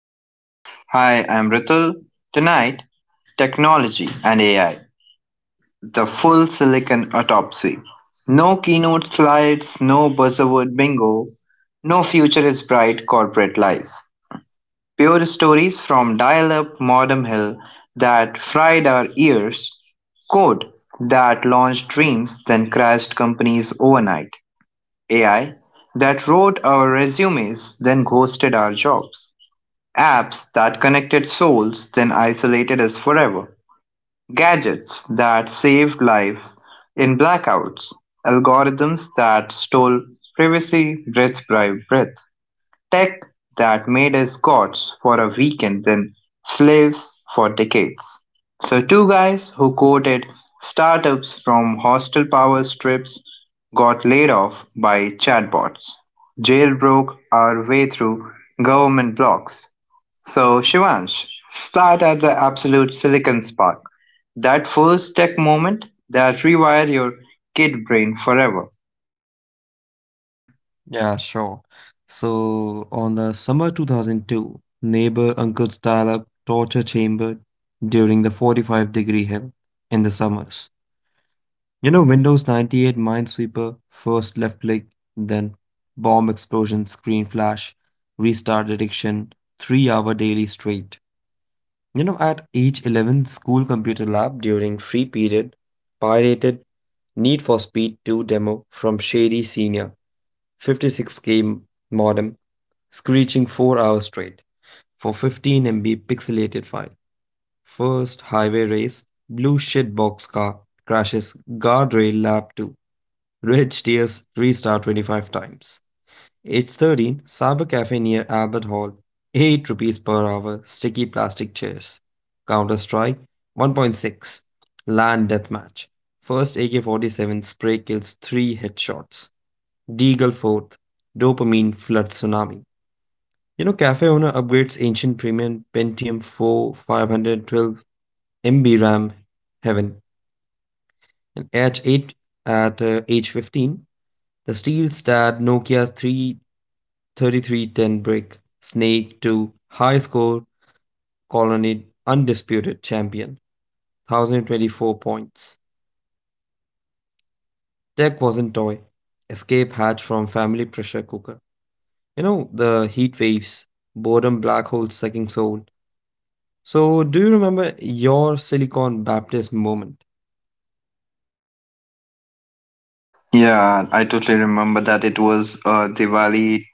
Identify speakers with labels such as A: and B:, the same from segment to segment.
A: studio. Hi, I'm Ritul. Tonight, technology and AI, the full silicon autopsy. No keynote slides, no buzzword bingo, no future is bright corporate lies. Pure stories from dial up Modem Hill that fried our ears, code that launched dreams then crashed companies overnight, AI that wrote our resumes then ghosted our jobs. Apps that connected souls, then isolated us forever. Gadgets that saved lives in blackouts. Algorithms that stole privacy breath by breath. Tech that made us gods for a weekend, then slaves for decades. So, two guys who quoted startups from hostile power strips got laid off by chatbots, jailbroke our way through government blocks, so, Shivansh, start at the absolute silicon spark. That first tech moment that rewired your kid brain forever.
B: Yeah, sure. So on the summer 2002, neighbor uncle's dial up torture chamber during the 45-degree hill in the summers. Windows 98 Minesweeper, first left click, then bomb explosion, screen flash, restart addiction, 3 hour daily straight. At age 11, school computer lab during free period, pirated Need for Speed 2 demo from Shady Senior 56K modem, screeching 4 hours straight for 15 MB pixelated file. First highway race, blue shitbox car crashes guardrail lap 2. Red tears restart 25 times. H 13, cyber cafe near Albert Hall, 8 rupees per hour, sticky plastic chairs. Counter Strike 1.6, land deathmatch. First AK 47 spray kills 3 headshots. Deagle forth, dopamine flood tsunami. Cafe owner upgrades ancient premium Pentium 4 512 MB RAM heaven, and at 8, at age 15, the steel stat Nokia's 33310 brick snake to high score colony undisputed champion 1,024 points. Tech wasn't toy. Escape hatch from family pressure cooker. The heat waves, boredom black hole sucking soul. So, do you remember your Silicon Baptist moment?
A: Yeah, I totally remember that it was Diwali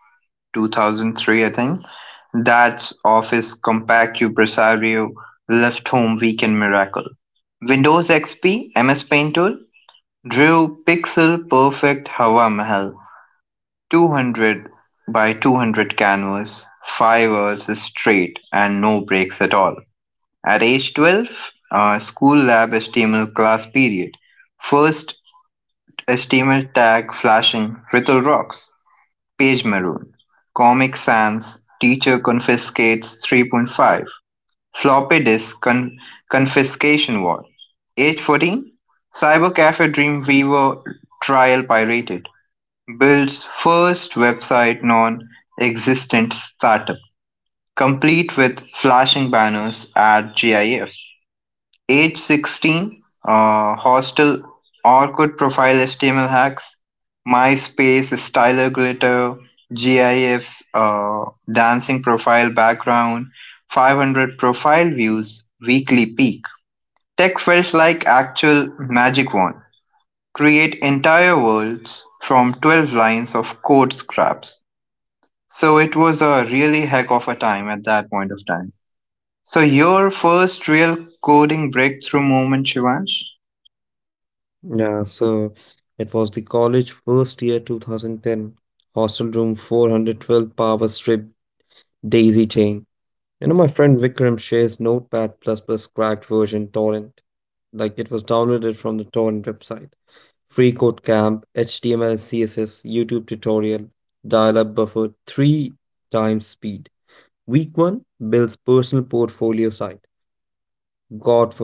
A: 2003, I think. That's office compact impresario left home weekend miracle. Windows XP, MS Paint tool, drew pixel perfect Hawa Mahal. 200 by 200 canvas, 5 hours straight and no breaks at all. At age 12, school lab HTML class period. First HTML tag flashing, Ripple rocks, page maroon, Comic Sans, teacher confiscates 3.5, floppy disk confiscation war. Age 14, Cyber Cafe Dreamweaver trial pirated. Builds first website non-existent startup, complete with flashing banners at GIFs. Age 16, hostel, Orkut profile HTML hacks, MySpace styler glitter, GIFs, dancing profile background, 500 profile views, weekly peak. Tech felt like actual magic wand. Create entire worlds from 12 lines of code scraps. So it was a really heck of a time at that point of time. So your first real coding breakthrough moment, Shivansh?
B: Yeah, so it was the college first year 2010, hostel room 412 power strip daisy chain. My friend Vikram shares Notepad++ Plus plus cracked version torrent. Like it was downloaded from the torrent website. Free code camp, HTML and CSS, YouTube tutorial, dial-up buffer, three times speed. Week one builds personal portfolio site. god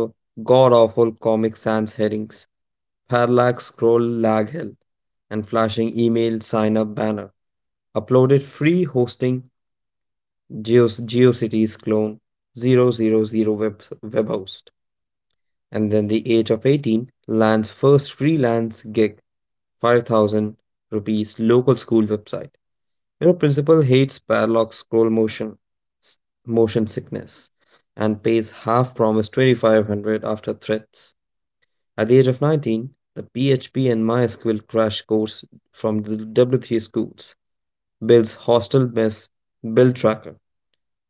B: god awful comic sans headings, parallax scroll lag hell, and flashing email sign up banner. Uploaded free hosting GeoCities clone Zero zero zero web host. And then the age of 18 lands first freelance gig 5,000 rupees local school website. Your principal hates parallax scroll s- motion sickness and pays half promise 2,500 after threats. At the age of 19, the PHP and MySQL crash course from the W3 schools builds hostel mess, build tracker,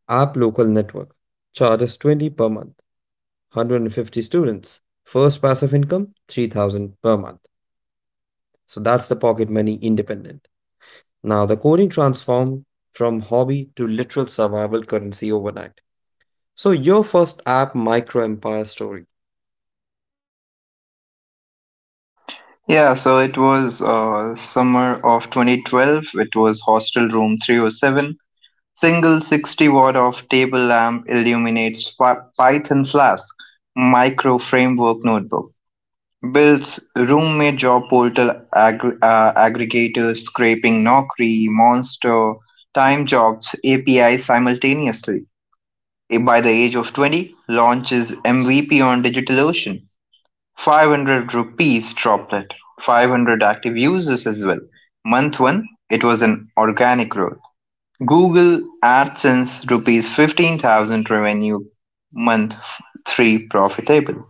B: app local network, charges 20 per month, 150 students, first passive income 3,000 per month. So that's the pocket money independent. Now the coding transformed from hobby to literal survival currency overnight. So your first app micro empire story?
A: Yeah, so it was summer of 2012. It was hostel room 307. Single 60 watt of table lamp illuminates Python Flask micro framework notebook. Builds roommate job portal aggregators, scraping Naukri, Monster, Time Jobs API simultaneously. By the age of 20, launch is MVP on DigitalOcean, 500 rupees droplet, 500 active users as well. Month one, it was an organic growth. Google AdSense rupees 15,000 revenue. Month three, profitable.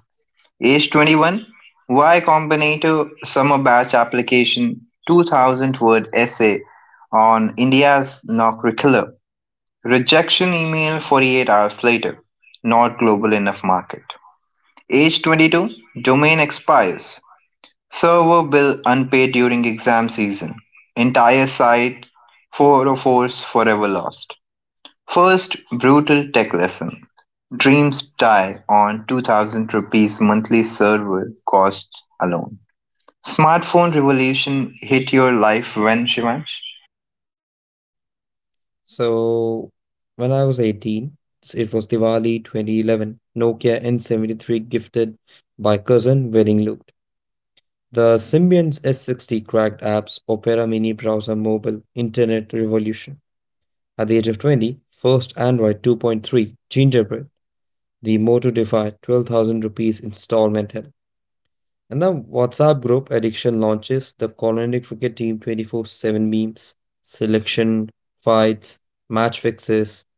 A: Age 21, Y Combinator summer batch application, 2,000 word essay on India's Nocurricular. Rejection email 48 hours later. Not global enough market. Age 22, domain expires. Server bill unpaid during exam season. Entire site 404's forever lost. First brutal tech lesson. Dreams die on 2000 rupees monthly server costs alone. Smartphone revolution hit your life when Shivansh?
B: So when I was 18, it was Diwali 2011, Nokia N73 gifted by cousin wedding looked. The Symbian S60 cracked apps, Opera Mini browser mobile, internet revolution. At the age of 20, first Android 2.3, Gingerbread, the Moto Defy 12,000 rupees installment help. And the WhatsApp group addiction launches, the Colonic Cricket Team 24/7 memes, selection, fights, match fixes.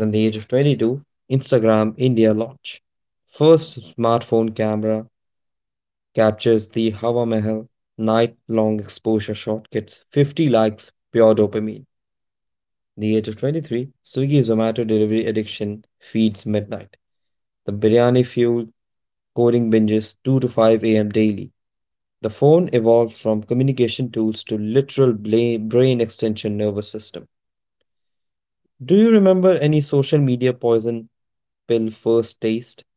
B: Then the age of 22, Instagram India launch. First smartphone camera captures the Hawa Mahal night long exposure shot gets 50 likes pure dopamine. The age of 23, Swiggy Zomato delivery addiction feeds midnight. The biryani fueled coding binges 2 to 5 a.m. daily. The phone evolved from communication tools to literal brain extension nervous system. Do you remember any social media poison pill first taste?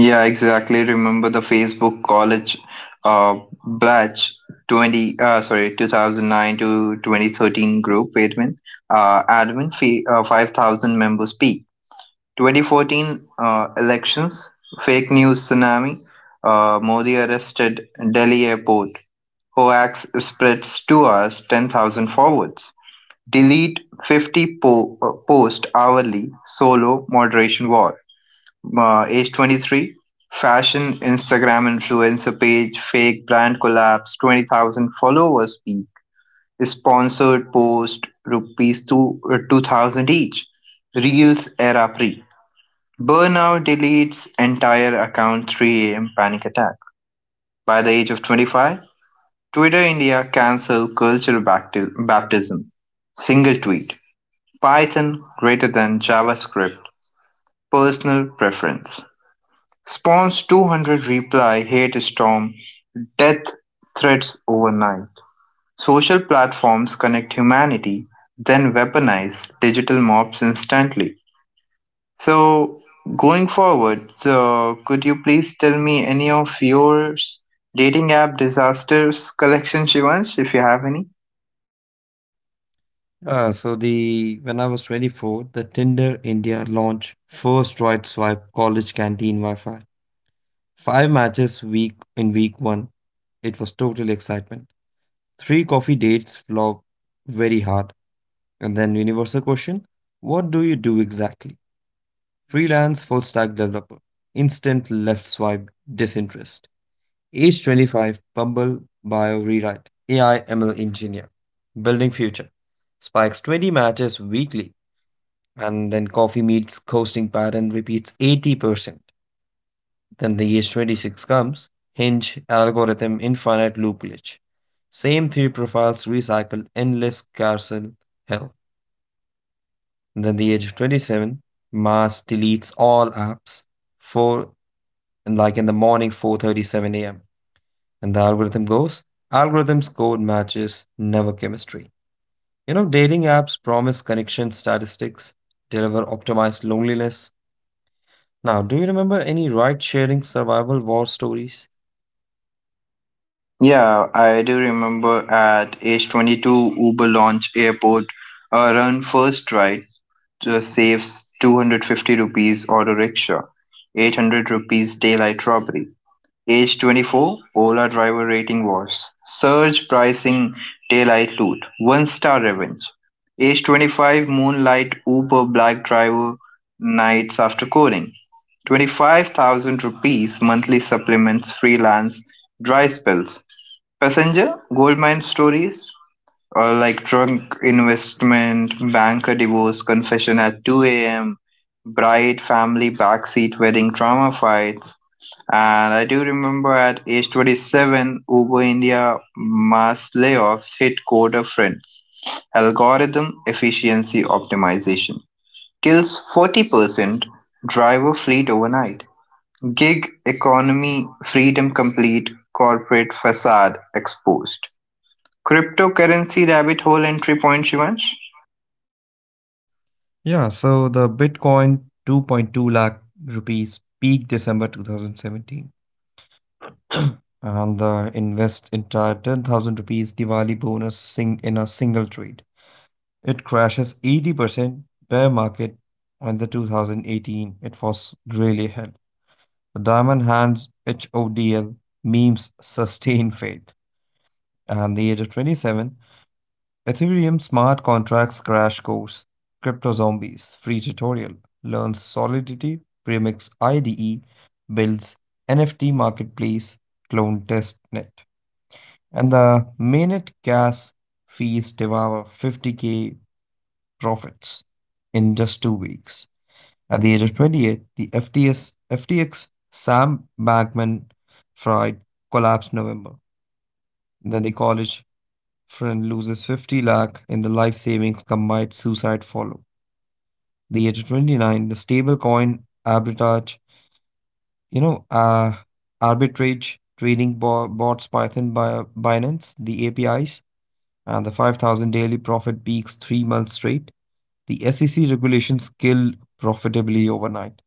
A: Yeah, exactly. Remember the Facebook College uh, batch 2009 to 2013 group admin, admin fee, 5,000 members peak. 2014 elections, fake news tsunami, Modi arrested Delhi airport. Hoax spreads 2 hours, 10,000 forwards. Delete 50 post hourly, solo moderation war. Age 23, fashion Instagram influencer page, fake brand collapse, 20,000 followers peak, sponsored post, rupees 2,000 each, reels era pre. Burnout deletes entire account 3 a.m. panic attack. By the age of 25, Twitter India cancel cultural baptism. Single tweet. Python greater than JavaScript. Personal preference. Spawns 200 reply hate storm death threats overnight. Social platforms connect humanity, then weaponize digital mobs instantly. So, going forward, so could you please tell me any of your dating app disasters collection, Shivansh, if you have any?
B: So the when I was 24, the Tinder India launched first right swipe college canteen Wi-Fi. Five matches week in week one. It was total excitement. Three coffee dates flop very hard. And then universal question, what do you do exactly? Freelance full stack developer. Instant left swipe disinterest. Age 25, Bumble bio rewrite. AI ML engineer. Building future. Spikes 20 matches weekly, and then coffee meets coasting pattern repeats 80%. Then the age 26 comes, hinge, algorithm, infinite loop glitch. Same three profiles recycle endless carousel hell. And then the age of 27, mass deletes all apps for like in the morning 4:37 a.m. And the algorithm goes, algorithms code matches, never chemistry. Dating apps promise connection statistics, deliver optimized loneliness. Now, do you remember any ride sharing survival war stories?
A: Yeah, I do remember at age 22, Uber launch airport run first ride saves 250 rupees auto rickshaw, 800 rupees daylight robbery. Age 24, Ola driver rating was surge pricing daylight loot, one star revenge. Age 25, moonlight Uber black driver nights after coding. 25,000 rupees monthly supplements freelance dry spells. Passenger, Goldmine Stories, or like Drunk Investment, Banker Divorce, Confession at 2 a.m., Bride Family Backseat Wedding Drama Fights. And I do remember at age 27, Uber India mass layoffs hit coder friends. Algorithm efficiency optimization kills 40%, driver fleet overnight. Gig economy freedom complete, corporate facade exposed. Cryptocurrency rabbit hole entry point, Shivansh?
B: Yeah, so the Bitcoin 2.2 lakh rupees peak December 2017. And the invest entire 10,000 rupees Diwali bonus sing in a single trade. It crashes 80% bear market in the 2018. It was really hell. The Diamond Hands HODL memes sustain faith. And the age of 27, Ethereum Smart Contracts Crash Course, Crypto Zombies Free Tutorial, Learns Solidity, Premix IDE, Builds NFT Marketplace, Clone Testnet. And the Mainnet gas fees devour 50k profits in just 2 weeks. At the age of 28, the FTX Sam Bankman Fried collapsed November. Then the college Friend loses 50 lakh in the life savings combined suicide follow. The age of 29, the stable coin you know, uh, arbitrage trading bots Python by Binance, the APIs, and the 5,000 daily profit peaks 3 months straight. The SEC regulations kill profitably overnight.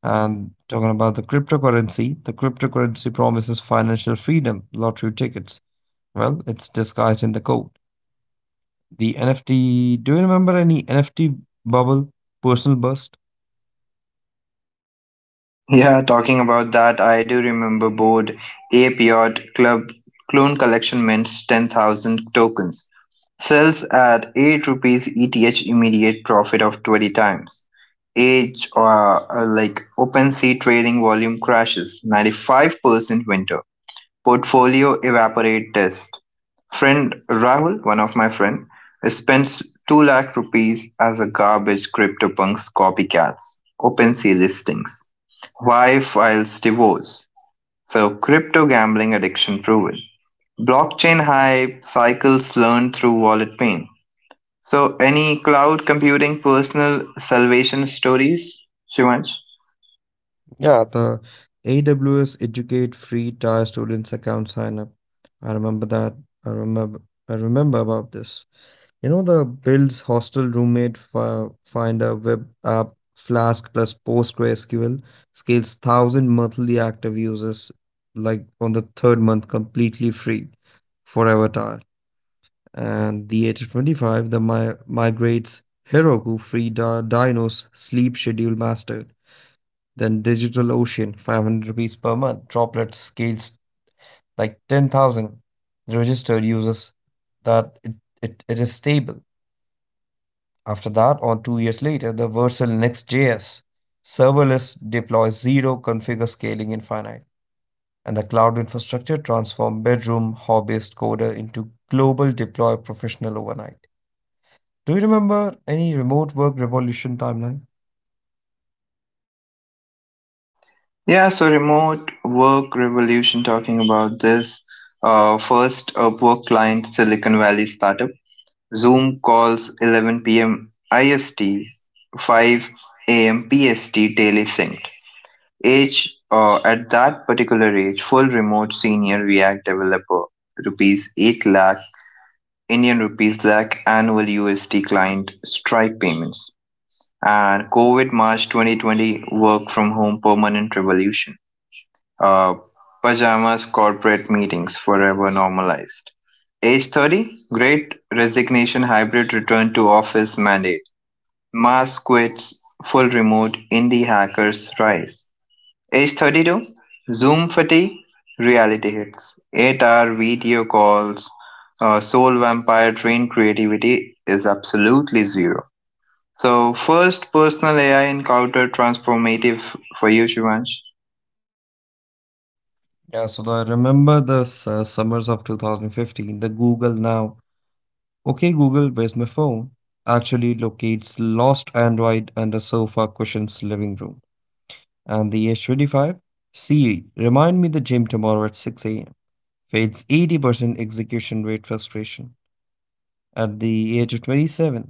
B: And talking about the cryptocurrency, promises financial freedom, lottery tickets. Well, it's disguised in the code. The NFT, do you remember any NFT bubble, personal burst?
A: Yeah, talking about that, I do remember board Ape Yacht Club clone collection mints 10,000 tokens. Sells at 8 rupees ETH immediate profit of 20 times. Age or Like OpenSea trading volume crashes 95% winter. Portfolio evaporate test: Friend Rahul, one of my friend, spends 2 lakh rupees as a garbage CryptoPunks copycats, OpenSea listings. Why files divorce? So crypto gambling addiction proven. Blockchain hype cycles learned through wallet pain. So any cloud computing personal salvation stories, Shivansh?
B: Yeah, the AWS Educate free tier students account sign up. I remember that. I remember. I remember about this. You know the Bill's hostel roommate finder web app Flask plus PostgreSQL scales thousand monthly active users like on the third month completely free forever tier. And the age of 25, the migrates Heroku Free Dino's Sleep Schedule Mastered, then Digital Ocean, 500 rupees per month, Droplet scales like 10,000 registered users that it is stable. After that, or 2 years later, the Versal Next.js serverless deploys zero configure scaling infinite, and the cloud infrastructure transforms bedroom hobbyist coder into global deploy professional overnight. Do you remember any remote work revolution timeline?
A: Yeah, so remote work revolution talking about this. First, up work client Silicon Valley startup. Zoom calls 11 p.m. IST, 5 a.m. PST daily synced. Age at that particular age, full remote senior React developer, rupees 8 lakh, Indian rupees lakh annual USD client Stripe payments. And COVID March 2020 work from home permanent revolution, uh, pajamas, corporate meetings, forever normalized. Age 30, great resignation, hybrid return to office mandate, mass quits, full remote, indie hackers rise. Age 32, Zoom fatigue, reality hits, 8-hour video calls, soul vampire trained creativity is absolutely zero. So, first personal AI encounter transformative for you, Shivansh?
B: Yeah, so I remember the summers of 2015, the Google Now. Okay, Google, where's my phone? Actually locates lost Android under sofa cushion's living room. And the H25, Siri, remind me the gym tomorrow at 6 a.m. Fails 80% execution rate frustration at the age of 27.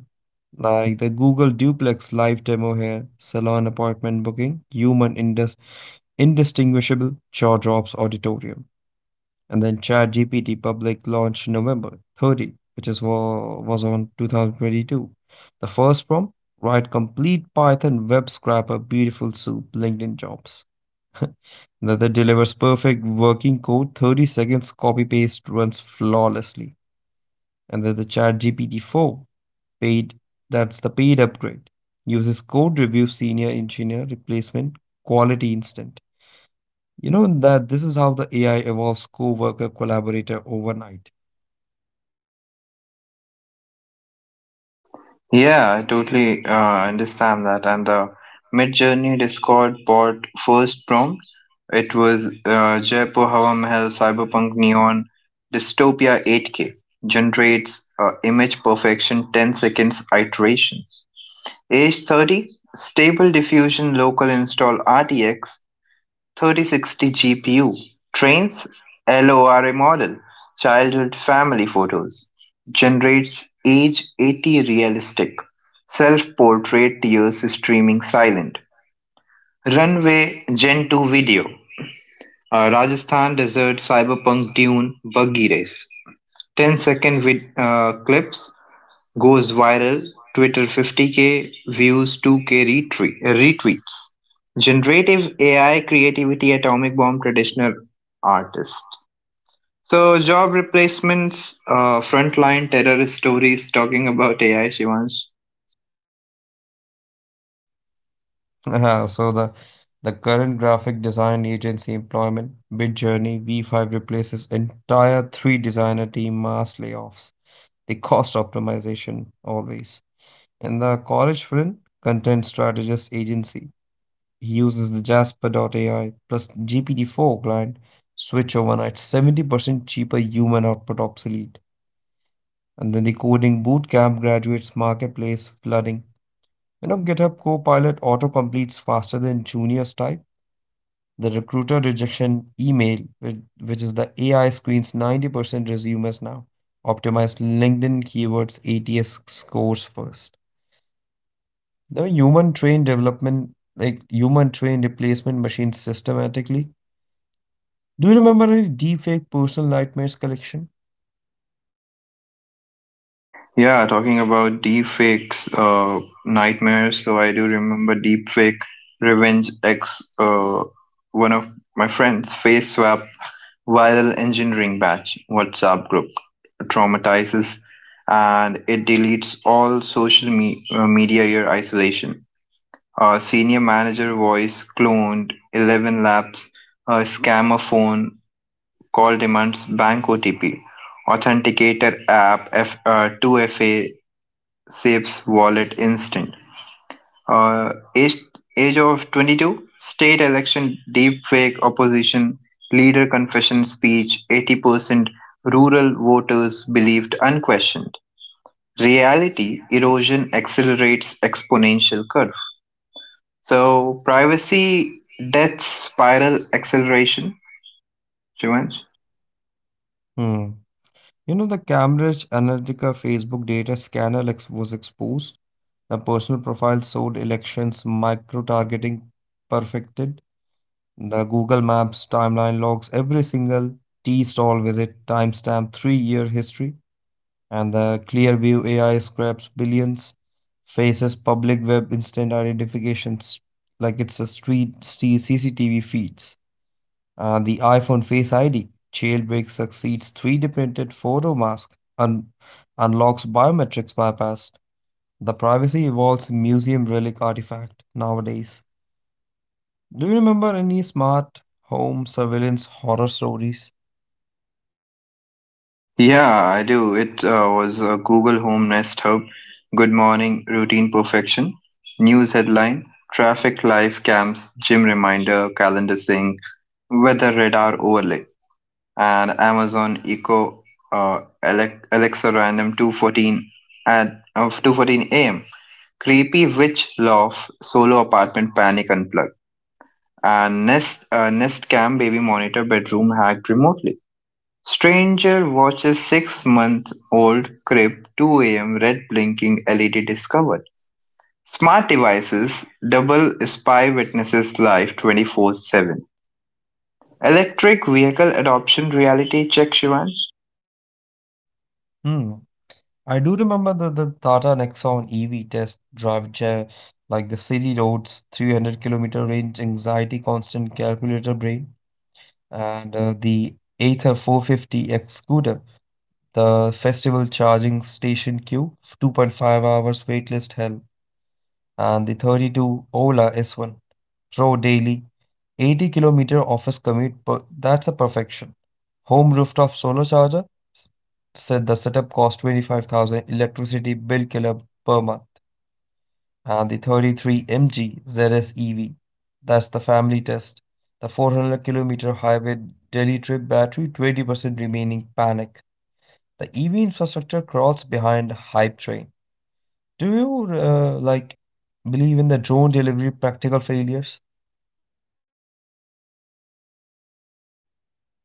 B: Like the Google duplex live demo here, salon apartment booking, human indistinguishable jaw drops auditorium. And then ChatGPT public launch November 30, which was on 2022. The first prompt, write complete Python web scraper, beautiful soup, LinkedIn jobs. That it delivers perfect working code, 30 seconds copy paste runs flawlessly. And then the chat GPT 4 paid, that's the paid upgrade, uses code review senior engineer replacement quality instant. You know that this is how the ai evolves co-worker collaborator overnight.
A: Yeah, I totally understand that. And the Midjourney Discord bot first prompt, it was Jaipur Hawa Mahal Cyberpunk Neon Dystopia 8K generates image perfection 10 seconds iterations. Age 30, stable diffusion local install RTX 3060 GPU, trains LoRa model, childhood family photos, generates age 80 realistic, self-portrait tears streaming silent, runway Gen 2 video, a Rajasthan desert cyberpunk dune buggy race, 10 second clips goes viral, Twitter 50K views, 2K retweets. Generative AI creativity atomic bomb traditional artist. So job replacements, frontline terror stories talking about AI, Shivansh.
B: Haha, so the current graphic design agency employment bid journey v5 replaces entire three designer team mass layoffs, the cost optimization always. And the college friend content strategist agency, he uses the Jasper.ai plus GPT-4 client switch overnight, 70% cheaper, human output obsolete. And then the coding bootcamp graduates marketplace flooding. GitHub Copilot auto completes faster than juniors type. The recruiter rejection email, which is the AI screens 90% resumes now. Optimize LinkedIn keywords ATS scores first. The human trained development, like human trained replacement machines systematically. Do you remember any deepfake personal nightmares collection?
A: Yeah, talking about deepfakes, nightmares. So I do remember deepfake revenge X. One of my friends face swap Viral Engineering Batch WhatsApp group traumatizes and it deletes all social media year isolation. A senior manager voice cloned 11 laps, a scammer phone call demands bank OTP, authenticator app 2FA saves wallet instant. Uh, age, age of 22, state election, deepfake opposition, leader confession speech, 80% rural voters believed unquestioned. Reality erosion accelerates exponential curve. So privacy death spiral acceleration, Shivansh.
B: Hmm. You know, the Cambridge Analytica Facebook data scanner was exposed. The personal profile sold elections, micro targeting perfected. The Google Maps timeline logs every single tea stall visit, timestamp, 3 year history. And the Clearview AI scraps billions, faces public web instant identifications like it's a street CCTV feeds. The iPhone Face ID jailbreak succeeds 3D printed photo mask and unlocks biometrics bypass. The privacy evolves museum relic artifact nowadays. Do you remember any smart home surveillance horror stories?
A: Yeah, I do. It was a Google Home Nest Hub. Good morning, routine perfection. News headline, traffic live camps, gym reminder, calendar sync, weather radar overlay, and Amazon Echo Alexa Random 214 at of 214 a.m. Creepy Witch Love Solo Apartment Panic Unplugged and Nest Cam Baby Monitor Bedroom Hacked Remotely. Stranger watches 6-month-old crib 2 a.m. red blinking LED discovered. Smart devices double spy witnesses live 24/7. Electric vehicle adoption reality check Shivan.
B: Hmm. I do remember the Tata Nexon EV test drive chair, like the city roads, 300-kilometer range, anxiety, constant calculator brain, and the Aether 450X scooter the festival charging station queue, 2.5 hours waitlist hell, and the 32 Ola S1 Pro daily, 80-kilometer office commute. Per, that's a perfection. Home rooftop solar charger s- said the setup cost 25,000 electricity bill killer per month, and the 33 MG ZS EV. That's the family test. The 400-kilometer highway Delhi trip battery 20% remaining panic. The EV infrastructure crawls behind hype train. Do you like believe in the drone delivery practical failures?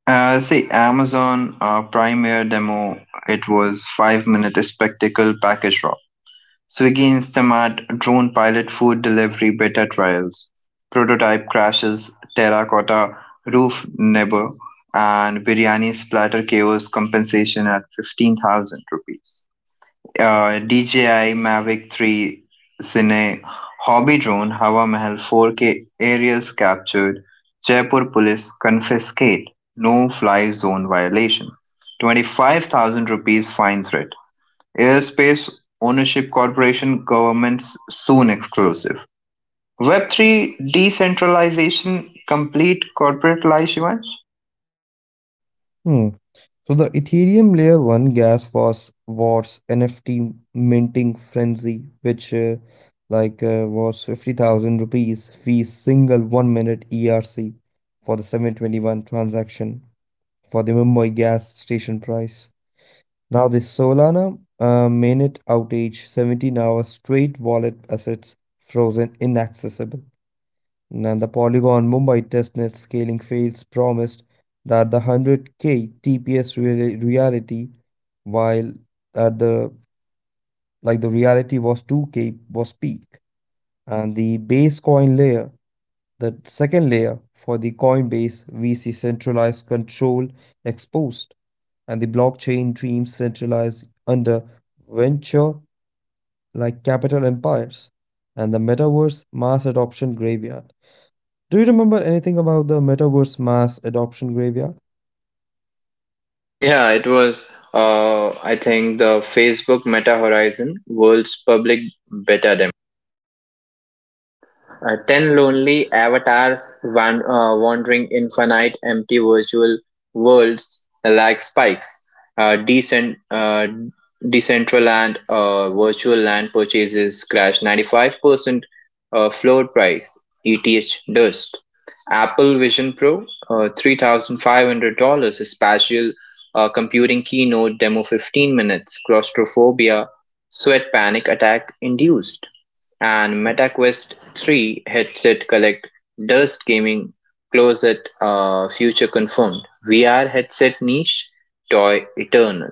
A: See Amazon Prime Air demo. It was 5 minute spectacle package raw. Swiggy instamart drone pilot food delivery beta trials, prototype crashes, terracotta roof neighbor, and biryani splatter chaos compensation at 15,000 rupees. DJI Mavic 3 Cine hobby drone Hawa Mahal 4K aerials captured, Jaipur police confiscate no fly zone violation. 25,000 rupees fine threat. Airspace Ownership Corporation governments soon exclusive. Web three decentralization complete corporate life events?
B: Hmm. So the Ethereum layer 1 gas was wars NFT minting frenzy, which like was 50,000 rupees fee single 1 minute ERC for the 721 transaction for the Mumbai gas station price. Now, the Solana mainnet outage, 17 hours straight wallet assets frozen inaccessible. And the Polygon Mumbai testnet scaling fails promised that the 100k TPS reality, while at the like the reality was 2k was peak. And the base coin layer, the second layer for the Coinbase, we see centralized control exposed, and the blockchain dreams centralized under venture capital empires, and the metaverse mass adoption graveyard. Do you remember anything about the metaverse mass adoption graveyard?
A: Yeah, it was, I think, the Facebook Meta Horizon World's Public Beta. Ten lonely avatars wandering infinite empty virtual worlds like spikes. Decent, decentral and Virtual land purchases crash 95%, floor price, ETH dust. Apple Vision Pro, $3,500, spatial computing keynote demo 15 minutes, claustrophobia, sweat panic attack induced and MetaQuest 3 headset collect Dust Gaming Closet, Future Confirmed VR headset niche toy eternal.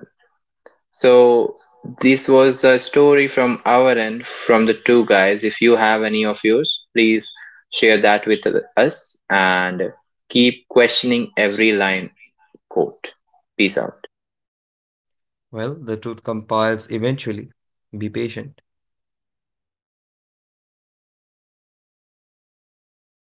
A: So this was a story from our end from the two guys. If you have any of yours, please share that with us and keep questioning every line quote. Peace out.
B: Well, the truth compiles eventually. Be patient.